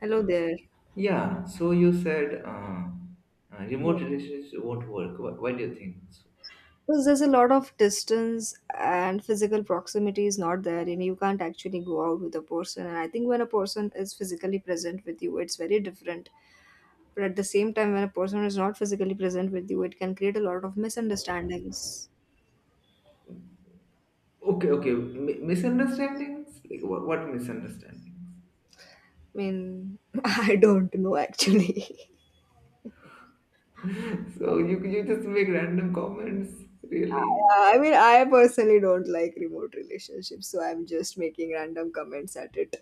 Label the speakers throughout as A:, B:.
A: Hello there.
B: Yeah, so you said
A: Yeah.
B: remote relationships won't work. Why do you think so?
A: Because there's a lot of distance and physical proximity is not there, and you can't actually go out with a person. And I think when a person is physically present with you, it's very different. But at the same time, when a person is not physically present with you, it can create a lot of misunderstandings.
B: Okay, okay, M- misunderstandings? Like what misunderstandings?
A: I mean, I don't know actually.
B: So you just make random comments, really?
A: I mean, I personally don't like remote relationships, so I'm just making random comments at it.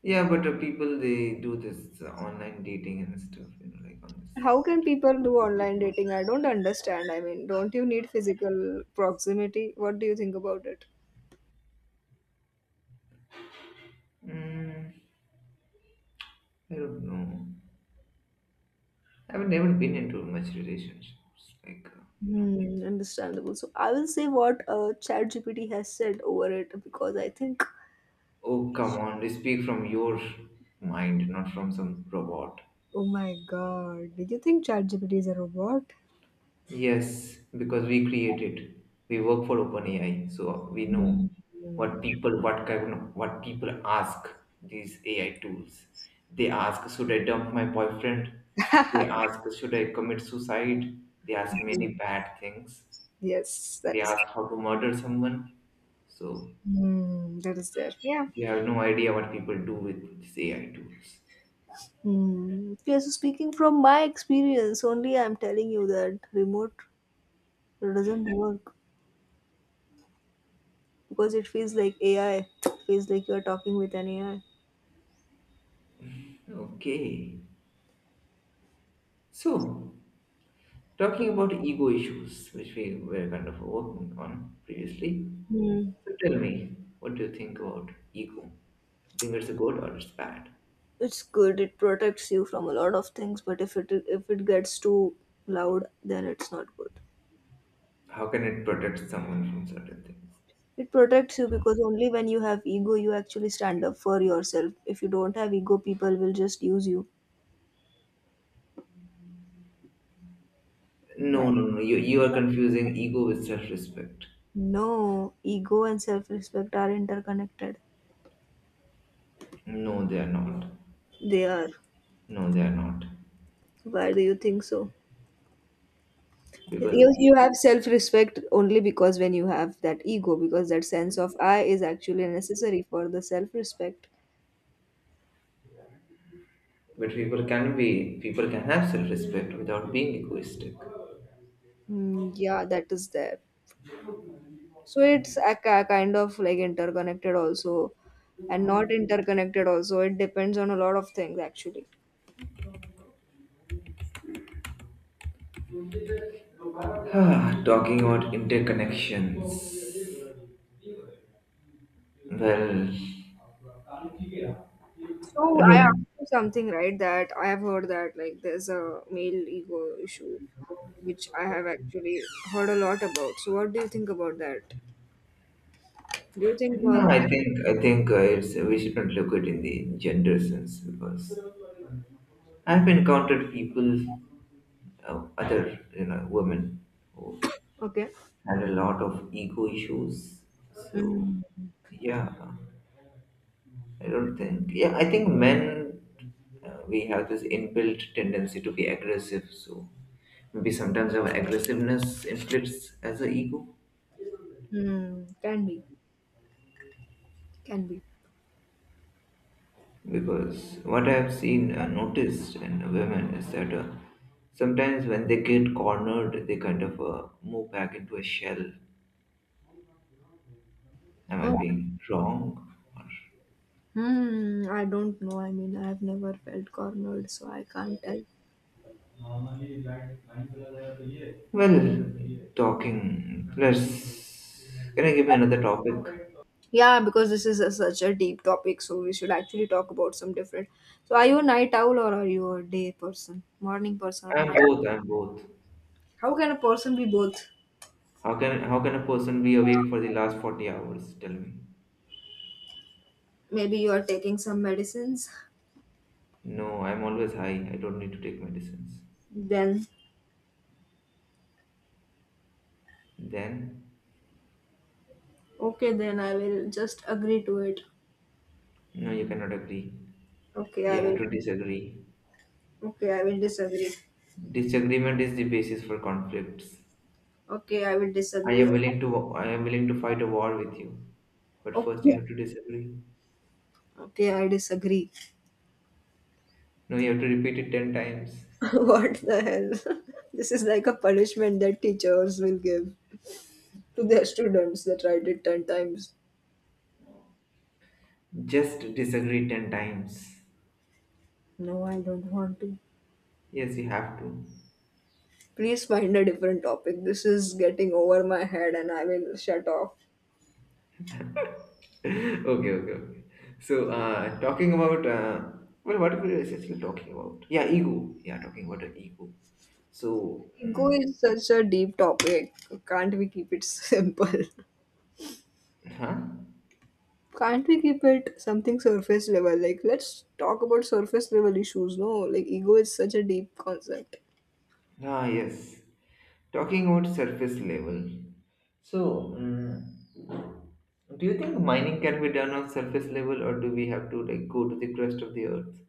B: Yeah, but people they do this online dating and stuff, you know, like on
A: How can
B: this.
A: people do online dating? I don't understand. I mean, don't you need physical proximity? What do you think about it?
B: Mm, I don't know. I've never been into much relationships. Like, you know.
A: Hmm, understandable. So I will say what ChatGPT has said over it because I think.
B: Oh, come on. They speak from your mind, not from some robot.
A: Oh my god. Did you think ChatGPT is a robot?
B: Yes, because we create it. We work for OpenAI, so we
A: Hmm.
B: know what people, what kind, of- what people ask these AI tools. They ask, should I dump my boyfriend? They ask, should I commit suicide? They ask many bad things.
A: Yes,
B: They
A: that is.
B: ask how to murder someone. So
A: Hmm, that is there. Yeah.
B: we have no idea what people do with these AI tools.
A: Hmm. Yeah, so speaking from my experience, only I'm telling you that remote doesn't work, because it feels like AI. It feels like you're talking with an AI.
B: Okay. So, talking about ego issues, which we were kind of working on previously.
A: Hmm.
B: So tell me, what do you think about ego? You think it's good or it's bad?
A: It's good. It protects you from a lot of things, but if it gets too loud, then it's not good.
B: How can it protect someone from certain things?
A: It protects you because only when you have ego, you actually stand up for yourself. If you don't have ego, people will just use you. Right.
B: No, no, no. You are confusing ego with self-respect.
A: No, ego and self respect are interconnected.
B: No, they are not.
A: They are.
B: No, they are not.
A: Why do you think so?
B: Because
A: Because you
B: e-
A: have self respect only because when you have that ego, because that sense of I is actually necessary for the self respect.
B: but people can be people can have self-respect without being egoistic.
A: Mm, yeah, that is there. So it's a, kind of like interconnected also, and not interconnected also. It depends on a lot of things actually.
B: Talking about interconnections. Well, I
A: So I
B: don't.
A: asked you something, right? That I have heard that like there's a male ego issue, which I have actually heard a lot about. So what do you think about that? Do you think
B: No, I think it's we shouldn't look at it in the gender sense because I've encountered people, other you know, women who
A: okay?
B: had a lot of ego issues. So
A: Mm.
B: yeah, I don't think. Yeah, I think men we have this inbuilt tendency to be aggressive. So maybe sometimes our aggressiveness inflicts as an ego.
A: Hmm, can be, can be.
B: Because what I've seen, noticed in women is that sometimes when they get cornered, they kind of move back into a shell. Am I
A: Oh,
B: being wrong?
A: hmm, I don't know. I mean, I've never felt cornered, so I can't tell.
B: Or, well, talking. Let's. Can I give me another topic?
A: Yeah, because this is a, such a deep topic, so we should actually talk about some different. So, are you a night owl or are you a day person, morning person, or a
B: I'm
A: night?
B: both. I'm both.
A: How can a person be both?
B: How can a person be awake for the last 40 hours? Tell me.
A: Maybe you are taking some medicines.
B: No, I'm always high. I don't need to take medicines.
A: Then,
B: Then
A: okay, then I will just agree to it.
B: no, you cannot agree.
A: Okay, I
B: You
A: will.
B: have to disagree.
A: Okay, I will disagree.
B: Disagreement is the basis for conflicts.
A: Okay, I will
B: I
A: disagree.
B: am willing to I am willing to fight a war with you, but first you
A: Okay,
B: have to disagree.
A: okay, I disagree.
B: No, you have to repeat it 10 times.
A: What the hell? This is like a punishment that teachers will give to their students, that write it 10 times.
B: Just disagree 10 times.
A: No, I don't want to.
B: Yes, you have to.
A: Please find a different topic. This is getting over my head and I will shut off.
B: Okay, okay. So, talking about well, what are we essentially talking about? Yeah, ego. Yeah, talking about the ego. So,
A: Ego is such a deep topic. Can't we keep it simple?
B: huh?
A: Can't we keep it something surface level? Like, let's talk about surface level issues. No, like, ego is such a deep concept.
B: Ah, yes. Talking about surface level, so do you think mining can be done on surface level, or do we have to like go to the crust of the earth?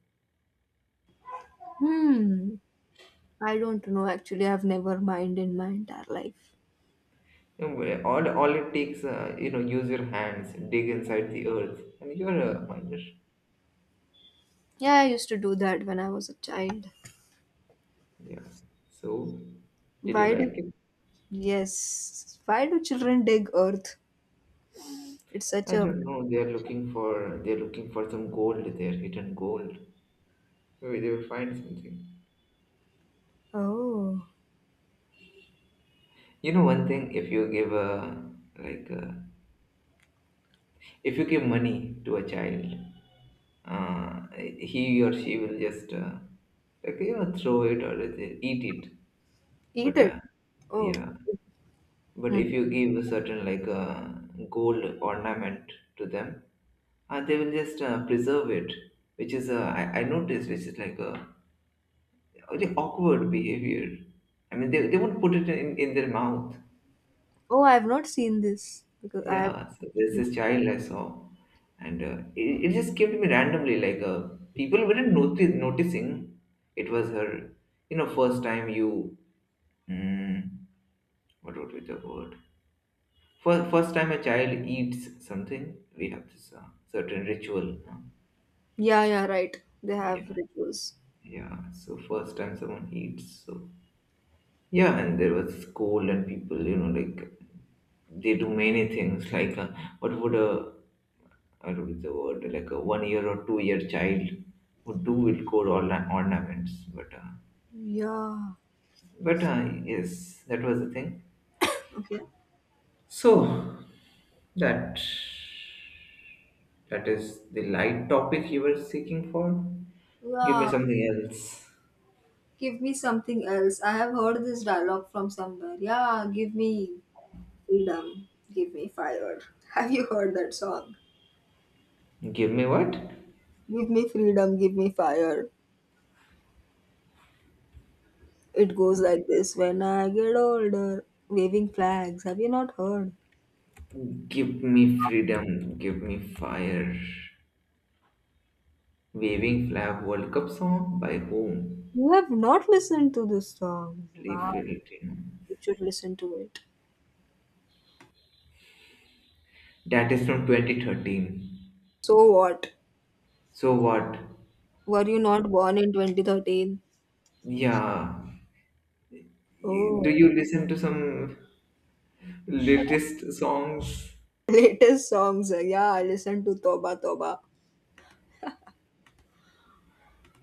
A: Hmm. I don't know actually. I've never mind in my entire life.
B: You know, where all it takes, you know, use your hands, dig inside the earth, and you're a miner.
A: Yeah, I used to do that when I was a child.
B: Yeah. So, did you
A: Why do
B: like it?
A: yes? Why do children dig earth? It's such
B: I
A: a.
B: don't know. They're looking for some gold there, hidden gold. Maybe they will find something.
A: Oh,
B: You know one thing, if you give a like a if you give money to a child uh, he or she will just like you know throw it or they eat it
A: eat
B: but
A: it. Oh,
B: yeah but
A: hmm.
B: if you give a certain like gold ornament to them, they will just preserve it which is uh, I noticed which is like a really awkward behavior. I mean they won't put it in their mouth.
A: Oh, I have not seen this because I have.
B: Yeah, so there's this child I saw, and it just came to me randomly. Like people weren't noti- noticing it was her. You know, first time you mm, what would be the word? First time a child eats something, we have this certain ritual. Huh?
A: Yeah, yeah, right. They have
B: Yeah,
A: rituals.
B: yeah. So first time someone eats, so yeah, and there was cold and people, you know, like they do many things. Like, what would a I don't know the word, like a 1 year or 2 year child would do with gold orna- ornaments. But,
A: Yeah.
B: yes, that was the thing.
A: Okay.
B: So that that is the light topic you were seeking for. Give me
A: Yeah.
B: something else.
A: Give me something else. I have heard this dialogue from somewhere. Yeah, give me freedom. Give me fire. Have you heard that song?
B: Give me what?
A: Give me freedom. Give me fire. It goes like this, when I get older, waving flags. Have you not heard?
B: Give me freedom. Give me fire. Waving Flag World Cup song by whom?
A: You have not listened to this song.
B: Lee
A: Wow,
B: Filtino.
A: you should listen to it.
B: That is from 2013.
A: So what?
B: So what?
A: Were you not born in 2013?
B: Yeah.
A: Oh,
B: Do you listen to some latest songs
A: latest songs. Yeah, I listen to Toba Toba.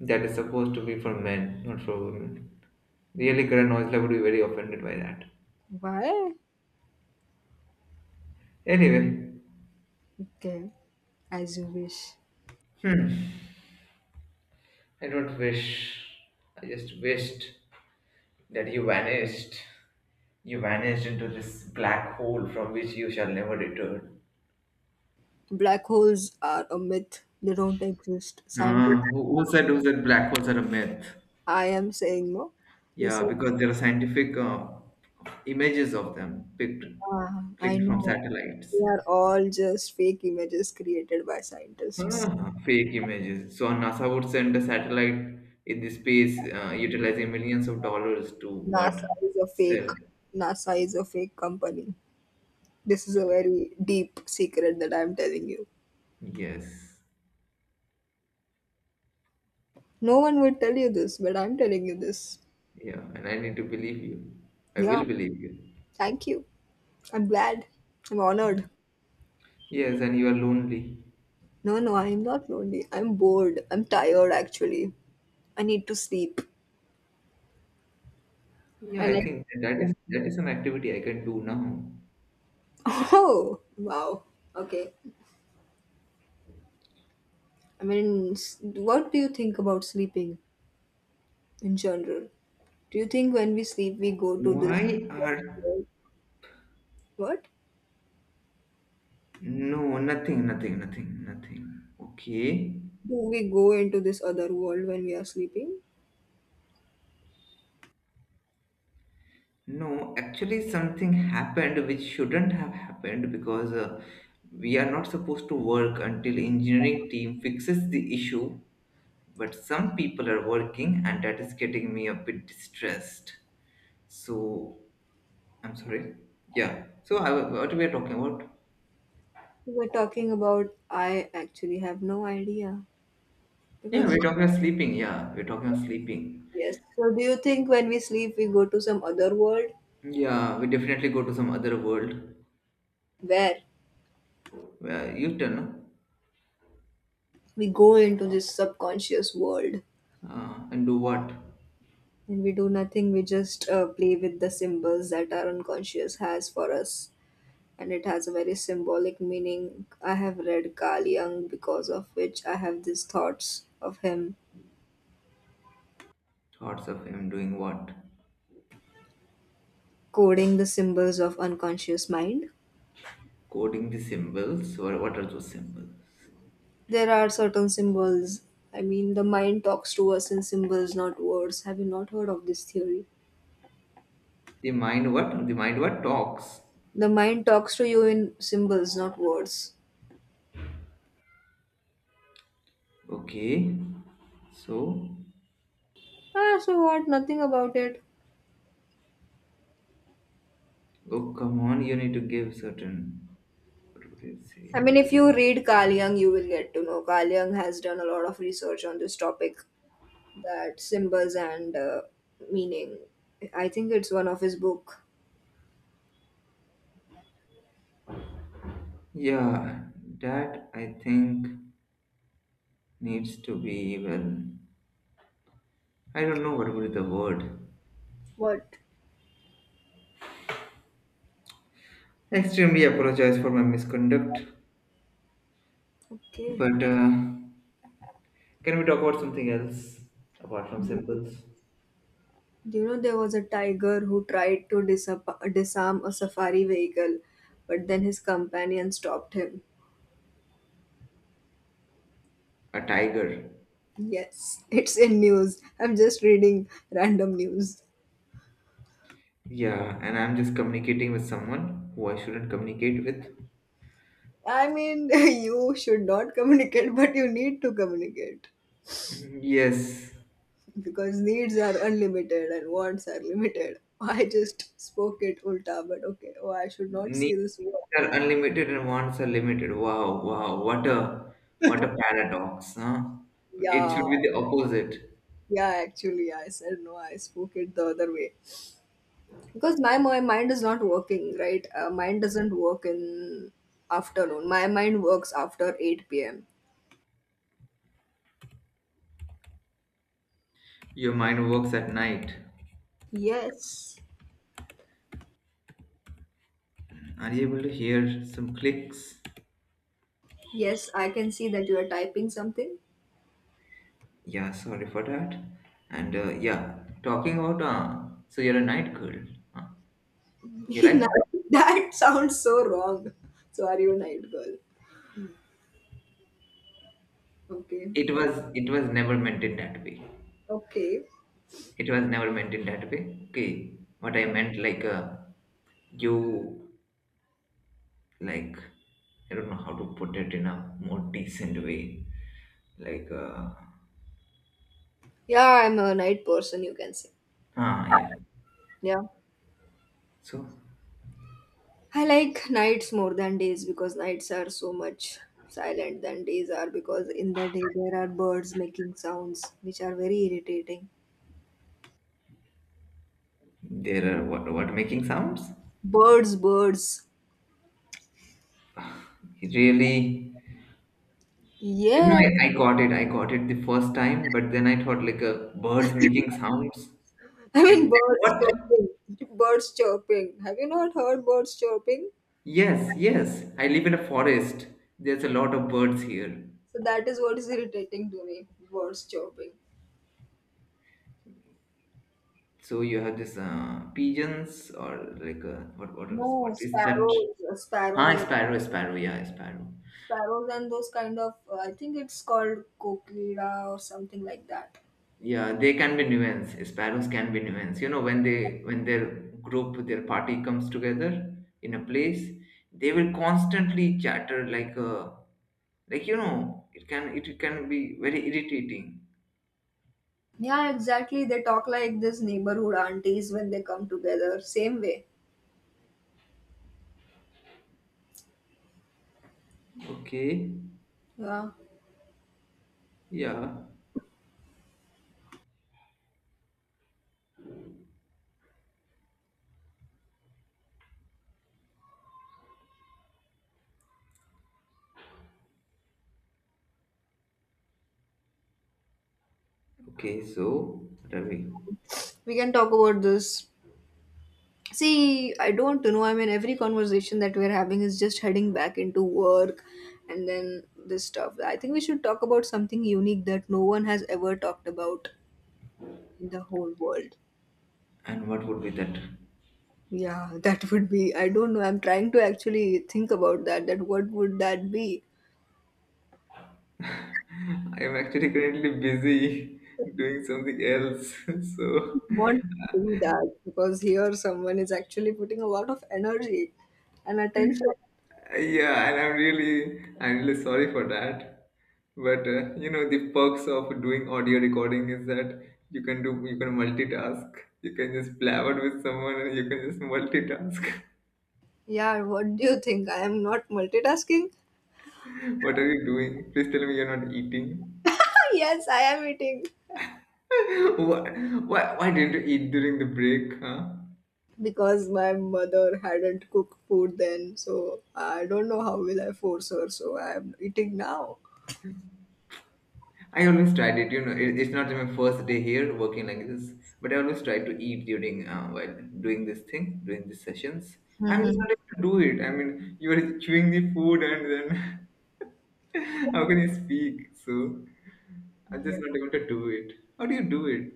B: that is supposed to be for men, not for women? Really, Karan Aujla would be very offended by that.
A: Why?
B: Anyway,
A: Okay, as you wish.
B: I don't wish. I just wished that you vanished. You vanished into this black hole from which you shall never return.
A: Black holes are a myth, they don't exist. Scientists,
B: Who said black holes are a myth?
A: I am saying no.
B: Yeah,
A: Listen.
B: because there are scientific images of them picked
A: Ah, I
B: clicked from
A: know. They
B: satellites.
A: are all just fake images created by scientists.
B: Ah, fake images. So NASA would send a satellite in the space, utilizing millions of dollars to what
A: NASA is a fake.
B: sell?
A: NASA is a fake company. This is a very deep secret that I'm telling you.
B: Yes.
A: No one would tell you this, but I'm telling you this.
B: Yeah, and I need to believe you. I
A: Yeah,
B: will believe you.
A: thank you. I'm glad. I'm honored.
B: Yes, and you are lonely.
A: No, no, I'm not lonely. I'm bored. I'm tired, actually. I need to sleep.
B: Yeah,
A: I
B: I
A: like,
B: think that is an activity I can do now.
A: oh, wow. Okay. I mean, what do you think about sleeping in general? Do you think when we sleep, we go to this
B: Why are
A: world? What?
B: no, nothing, nothing, nothing, nothing. Okay.
A: Do we go into this other world when we are sleeping?
B: No, actually, something happened which shouldn't have happened because we are not supposed to work until engineering team fixes the issue. But some people are working, and that is getting me a bit distressed. So I'm sorry. Yeah. So I, what we are talking about?
A: You were talking about, I actually have no idea.
B: Yeah,
A: Because,
B: we're talking about sleeping. Yeah, we're talking about sleeping.
A: yes. So, do you think when we sleep, we go to some other world,
B: Yeah, we definitely go to some other world.
A: where
B: Well, you tell. No?
A: we go into this subconscious world
B: And do what?
A: and we do nothing? We just play with the symbols that our unconscious has for us, and it has a very symbolic meaning. I have read Carl Jung, because of which I have these thoughts of him
B: Thoughts of him doing what?
A: coding the symbols of unconscious mind.
B: Coding the symbols. Or what are those symbols?
A: There are certain symbols. I mean, the mind talks to us in symbols, not words. Have you not heard of this theory?
B: The mind what? The mind what talks.
A: The mind talks to you in symbols, not words.
B: Okay. So,
A: Ah, so what? Nothing about it.
B: oh come on, you need to give certain. What would you say?
A: I mean, if you read Carl Jung, you will get to know. Carl Jung has done a lot of research on this topic, that symbols and meaning. I think it's one of his book.
B: Yeah, that I think needs to be well. I don't know what would be the word.
A: What?
B: Extremely apologize for my misconduct.
A: Okay.
B: But can we talk about something else apart from symbols?
A: Do you know there was a tiger who tried to disarm a safari vehicle, but then his companion stopped him?
B: A tiger.
A: Yes, it's in news. I'm just reading random news.
B: Yeah, and I'm just communicating with someone who I shouldn't communicate with.
A: I mean, you should not communicate, but you need to communicate
B: Yes,
A: because needs are unlimited and wants are limited. I just spoke it ulta, but okay. Oh, I should not say
B: needs
A: this word.
B: are unlimited and wants are limited. Wow, wow, what a paradox, huh? It should
A: Yeah,
B: be the opposite.
A: yeah, actually, yeah, I said no, I spoke it the other way because my mind is not working, right? Mind doesn't work in afternoon. My mind works after 8 p.m.
B: Your mind works at night.
A: Yes,
B: Are you able to hear some clicks?
A: yes, I can see that you are typing something.
B: Yeah, sorry for that. And yeah, talking about so you're a night girl. Huh? You
A: Now,
B: like?
A: that sounds so wrong. So, are you a night girl? Okay,
B: It
A: what?
B: was it was never meant in that way.
A: Okay.
B: It was never meant in that way. Okay. What I meant like you like I don't know how to put it in a more decent way. Like
A: Yeah, I'm a night person, you can say.
B: ah yeah.
A: Yeah.
B: So
A: I like nights more than days because nights are so much silent than days are, because in the day there are birds making sounds which are very irritating.
B: there are what making sounds?
A: Birds, birds.
B: It really you know
A: Yeah.
B: I got it, I got it the first time, but then I thought like birds making sounds.
A: I mean
B: Like
A: birds
B: what?
A: chirping. Birds chirping. Have you not heard birds chirping?
B: Yes, yes. I live in a forest. There's a lot of birds here.
A: So that is what is irritating to me. Birds chirping.
B: So you have this pigeons or like
A: No,
B: what is that?
A: sparrows,
B: Ah,
A: sparrows,
B: sparrow, sparrow.
A: sparrows, and those kind of. I think it's called cochlea or something like that.
B: Yeah, they can be nuance. Sparrows can be nuance. You know, when they when their group, their party comes together in a place, they will constantly chatter like a like you know, it can be very irritating.
A: Yeah, exactly. They talk like this neighborhood aunties when they come together. Same way.
B: Okay.
A: Yeah.
B: Yeah. Okay. So what are we?
A: We can talk about this. See, I don't know. I mean, every conversation that we're having is just heading back into work and then this stuff. I think we should talk about something unique that no one has ever talked about in the whole world.
B: And what would be that?
A: Yeah, that would be. I don't know. I'm trying to actually think about that. That what would that be?
B: I'm actually currently busy doing something else. So
A: Not do that because here someone is actually putting a lot of energy and attention.
B: yeah, and I'm really sorry for that. But you know the perks of doing audio recording is that you can do you can multitask. You can just blabber with someone and you can just multitask.
A: Yeah, what do you think? I am not multitasking?
B: What are you doing? Please tell me you're not eating.
A: Yes, I am eating,
B: Why, why didn't you eat during the break, huh?
A: because my mother hadn't cooked food then, so I don't know how will I force her. So I am eating now.
B: I always tried it, you know, it's not my first day here working like this, but I always try to eat during while doing this thing, doing these sessions. I'm just
A: Hmm.
B: not able to do it. I mean, you are chewing the food and then how can you speak? So I'm
A: Yeah.
B: just not able to do it. How do you do it?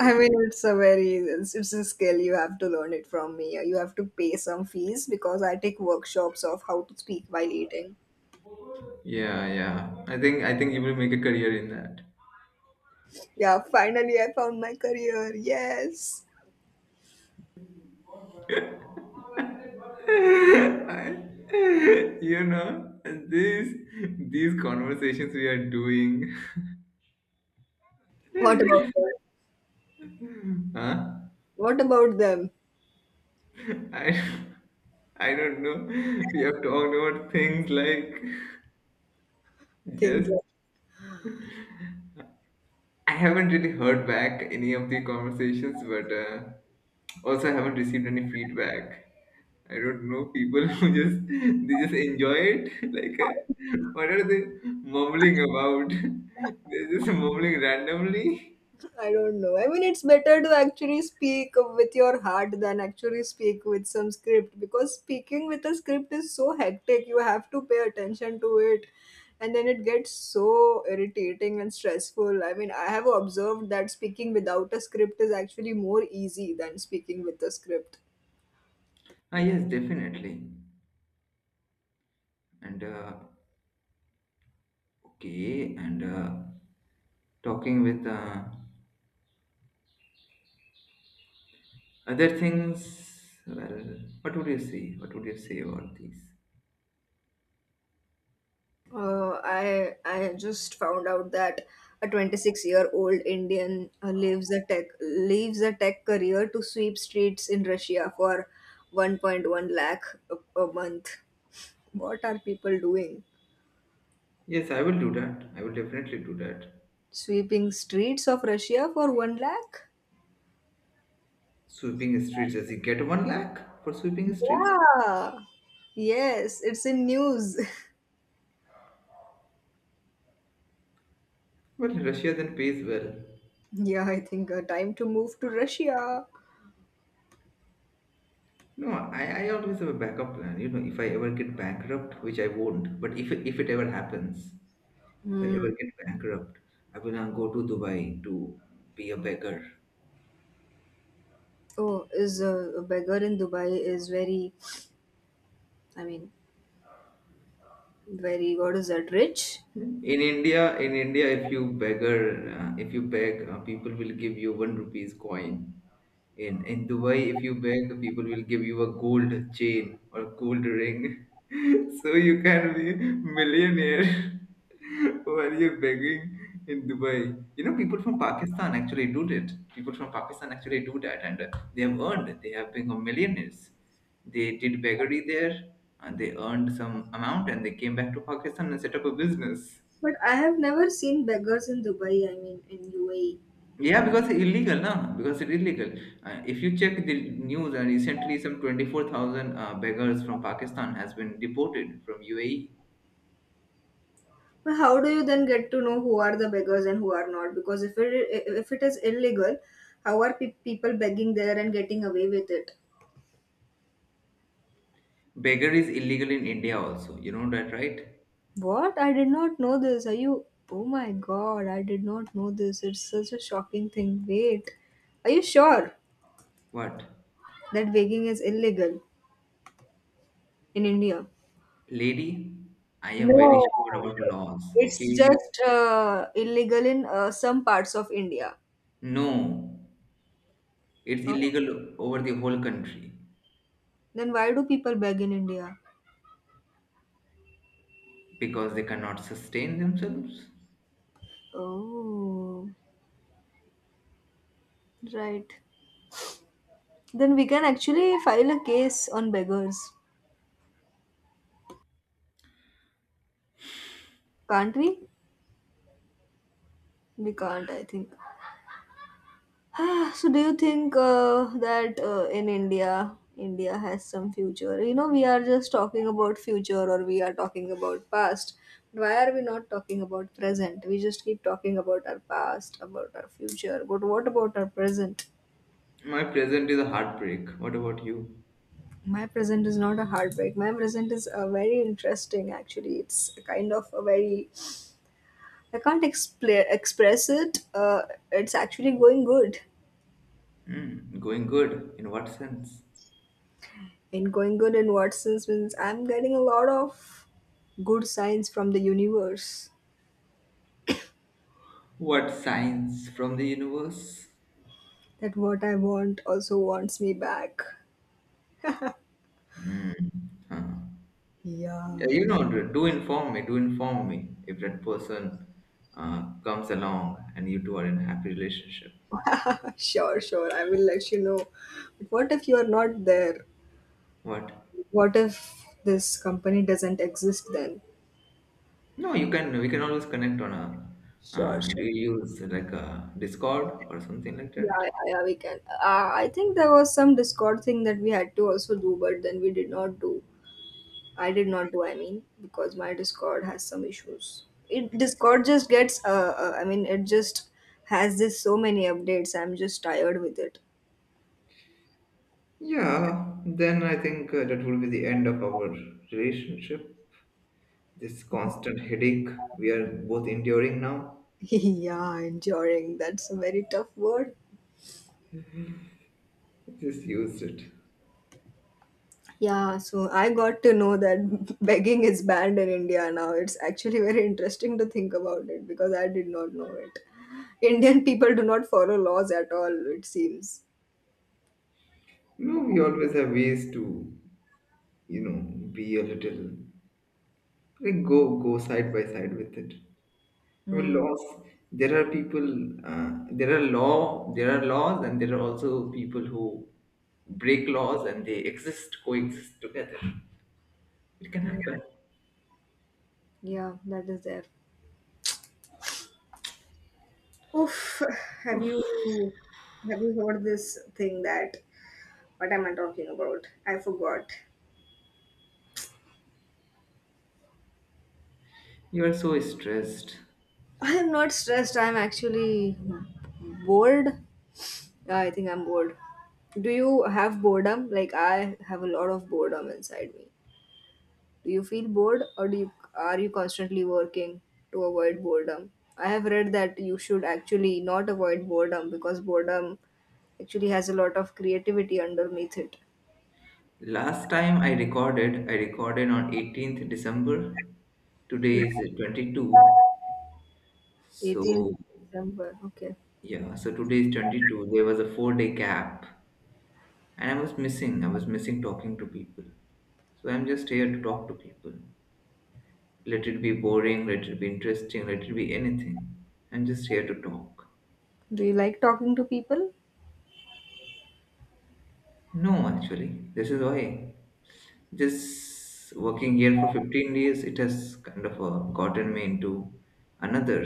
A: I mean, it's a very, it's a skill, you have to learn it from me. You have to pay some fees because I take workshops of how to speak while eating.
B: yeah, yeah. I think you will make a career in that.
A: Yeah, finally I found my career. Yes.
B: You know, these these conversations we are doing,
A: What about them?
B: huh?
A: What about them?
B: I, I don't know. We have talked about things like
A: Things
B: just.
A: like.
B: I haven't really heard back any of the conversations, but also I haven't received any feedback. I don't know people who just they just enjoy it. Like, what are they mumbling about? They're just mumbling randomly.
A: I don't know. I mean, it's better to actually speak with your heart than actually speak with some script, because speaking with a script is so hectic. You have to pay attention to it, and then it gets so irritating and stressful. I mean, I have observed that speaking without a script is actually more easy than speaking with a script.
B: Ah, yes, definitely. And okay, and talking with other things, well, what would you say? What would you say about these?
A: I just found out that a 26-year-old Indian leaves a tech career to sweep streets in Russia for 1.1 lakh a month. What are people doing?
B: Yes, I will do that. I will definitely do that.
A: Sweeping streets of Russia for 1 lakh?
B: Sweeping streets, does he get one lakh for sweeping streets?
A: Yeah. Yes, it's in news.
B: Well, Russia then pays well.
A: Yeah, I think time to move to Russia.
B: No, I always have a backup plan. You know, if I ever get bankrupt, which I won't, but if it ever happens, if I
A: Hmm.
B: ever get bankrupt, I will now go to Dubai to be a beggar.
A: Oh, is a beggar in Dubai is very. I mean, very God is that rich?
B: In India, if you beggar, if you beg, people will give you one rupees coin. In Dubai, if you beg, people will give you a gold chain or gold ring. So you can be millionaire while you're begging in Dubai. You know, people from Pakistan actually do it. People from Pakistan actually do that, and they have earned. They have become millionaires. They did beggary there, and they earned some amount and they came back to Pakistan and set up a business.
A: But I have never seen beggars in Dubai, I mean in UAE.
B: Yeah, because it's illegal, now. Because it's illegal. If you check the news, recently some 24,000 beggars from Pakistan has been deported from UAE.
A: But how do you then get to know who are the beggars and who are not? Because if it is illegal, how are people begging there and getting away with it?
B: Beggar is illegal in India also. You know that, right?
A: What? I did not know this. Are you? Oh my God! I did not know this. It's such a shocking thing. Wait, are you sure
B: What,
A: that begging is illegal in India?
B: lady? I am very
A: No,
B: sure about laws.
A: it's
B: Okay?
A: just illegal in some parts of India.
B: No, it's
A: Oh,
B: illegal over the whole country
A: then why do people beg in India?
B: because they cannot sustain themselves.
A: Oh, right. Then we can actually file a case on beggars, can't we? We can't, I think. Ah, so do you think that in India, India has some future? You know, we are just talking about future or we are talking about past. Why are we not talking about present? We just keep talking about our past, about our future. But what about our present?
B: My present is a heartbreak. What about you?
A: My present is not a heartbreak. My present is a very interesting. Actually, it's a kind of a very I can't explain express it. It's actually going good.
B: Hmm, going good. In what sense?
A: And going good in what sense means I'm getting a lot of good signs from the universe
B: What signs from the universe?
A: that what I want also wants me back.
B: Hmm, huh. Yeah,
A: Yeah,
B: you know, do inform me. Do inform me if that person comes along and you two are in a happy relationship.
A: sure, sure. I will let you know. But what if you are not there?
B: What?
A: What if this company doesn't exist then?
B: No, you can. We can always connect on a.
A: Sure,
B: Do
A: sure.
B: you use like a Discord or something like
A: Yeah,
B: that?
A: yeah, yeah, we can. I think there was some Discord thing that we had to also do, but then we did not do. I did not do, I mean, because my Discord has some issues. It Discord just gets, I mean, it just has this so many updates. I'm just tired with it.
B: Yeah, then I think that will be the end of our relationship. This constant headache we are both enduring now.
A: Yeah, enduring. That's a very tough word.
B: Just used it.
A: Yeah, so I got to know that begging is banned in India now. It's actually very interesting to think about it because I did not know it. Indian people do not follow laws at all, it seems.
B: You know, we always have ways to, you know, be a little like go side by side with it. I mean,
A: Mm,
B: laws. There are people. There are laws, and there are also people who break laws, and they exist, coexist together. It can
A: mm.
B: happen.
A: Yeah, that is there. Oof, have you have you heard this thing that what am I talking about? I forgot.
B: You are so stressed.
A: I am not stressed. I am actually bored. Yeah, I think I'm bored. Do you have boredom? Like I have a lot of boredom inside me. Do you feel bored or are you constantly working to avoid boredom? I have read that you should actually not avoid boredom because boredom actually has a lot of creativity underneath it.
B: Last time I recorded on 18th December. Today is 22.
A: 18th
B: So
A: December. Okay.
B: yeah, so today is 22. There was a 4 day gap, and I was missing. I was missing talking to people. So I'm just here to talk to people. Let it be boring, let it be interesting, let it be anything. I'm just here to talk.
A: Do you like talking to people?
B: No, actually, this is why. Just working here for 15 days, it has kind of gotten me into another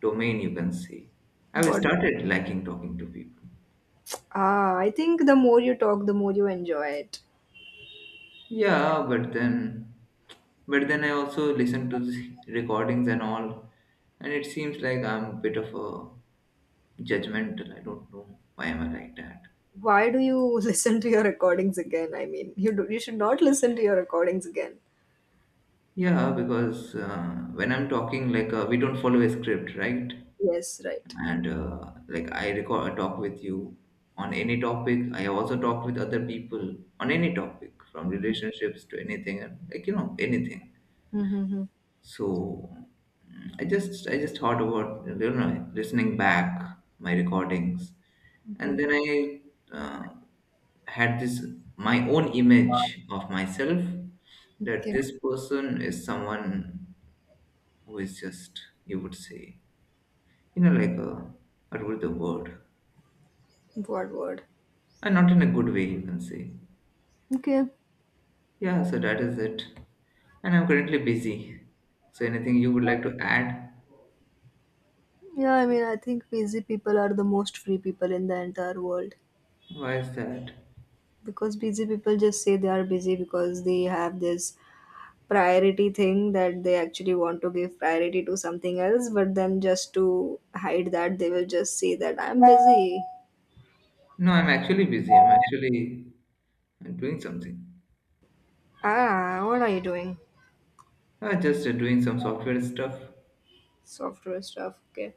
B: domain, you can say. I've
A: But
B: started liking talking to people.
A: I think the more you talk, the more you enjoy it.
B: Yeah, but then I also listen to the recordings and all, and it seems like I'm a bit of a judgmental. I don't know why am I like that.
A: Why do you listen to your recordings again? I mean, you do, you should not listen to your recordings again.
B: Yeah, because when I'm talking, like we don't follow a script, right?
A: Yes, right.
B: And like I record talk with you on any topic. I also talk with other people on any topic, from relationships to anything, and like you know anything.
A: Mm-hmm.
B: So I just thought about you know listening back my recordings, and
A: Okay.
B: then I uh, had this my own image of myself that
A: Okay.
B: this person is someone who is just you would say you know like a what would the word
A: What word?
B: and not in a good way you can say
A: Okay.
B: yeah so that is it and I'm currently busy so anything you would like to add.
A: Yeah, I mean, I think busy people are the most free people in the entire world
B: Why is that?
A: because busy people just say they are busy because they have this priority thing that they actually want to give priority to something else, but then just to hide that, they will just say that I'm busy.
B: No, I'm actually busy. I'm actually doing something.
A: Ah, what are you doing?
B: I just doing some software stuff.
A: Software stuff. Okay.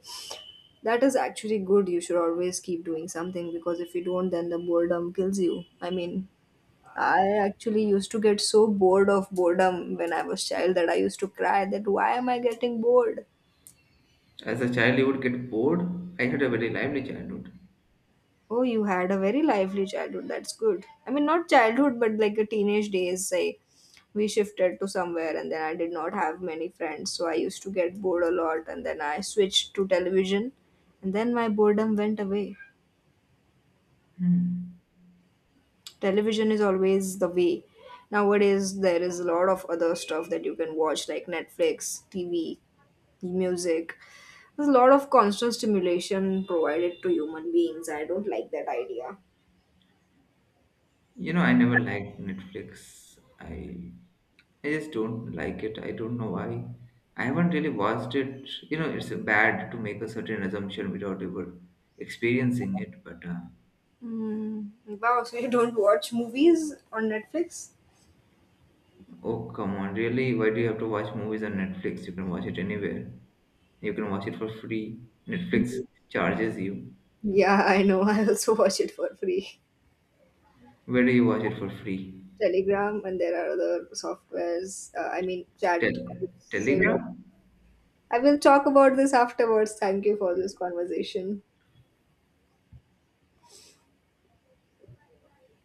A: That is actually good. You should always keep doing something because if you don't, then the boredom kills you. I mean, I actually used to get so bored of boredom when I was child that I used to cry that why am I getting bored?
B: As a child, you would get bored. I had a very lively childhood.
A: Oh, you had a very lively childhood. That's good. I mean, not childhood, but like a teenage days. I We shifted to somewhere, and then I did not have many friends, so I used to get bored a lot. And then I switched to television, and then my boredom went away.
B: Hmm.
A: Television is always the way. Nowadays, there is a lot of other stuff that you can watch, like Netflix, TV, music. There's a lot of constant stimulation provided to human beings. I don't like that idea.
B: You know, I never liked Netflix. I just don't like it. I don't know why. I haven't really watched it. You know, it's bad to make a certain assumption without ever experiencing it. But
A: Mm. Wow, so you don't watch movies on Netflix?
B: oh, come on, really? Why do you have to watch movies on Netflix? You can watch it anywhere. You can watch it for free. Netflix
A: Mhm.
B: charges you.
A: Yeah, I know. I also watch it for free.
B: Where do you watch it for free?
A: Telegram, and there are other softwares, I mean, chat. So yeah.
B: Telegram?
A: I will talk about this afterwards. Thank you for this conversation.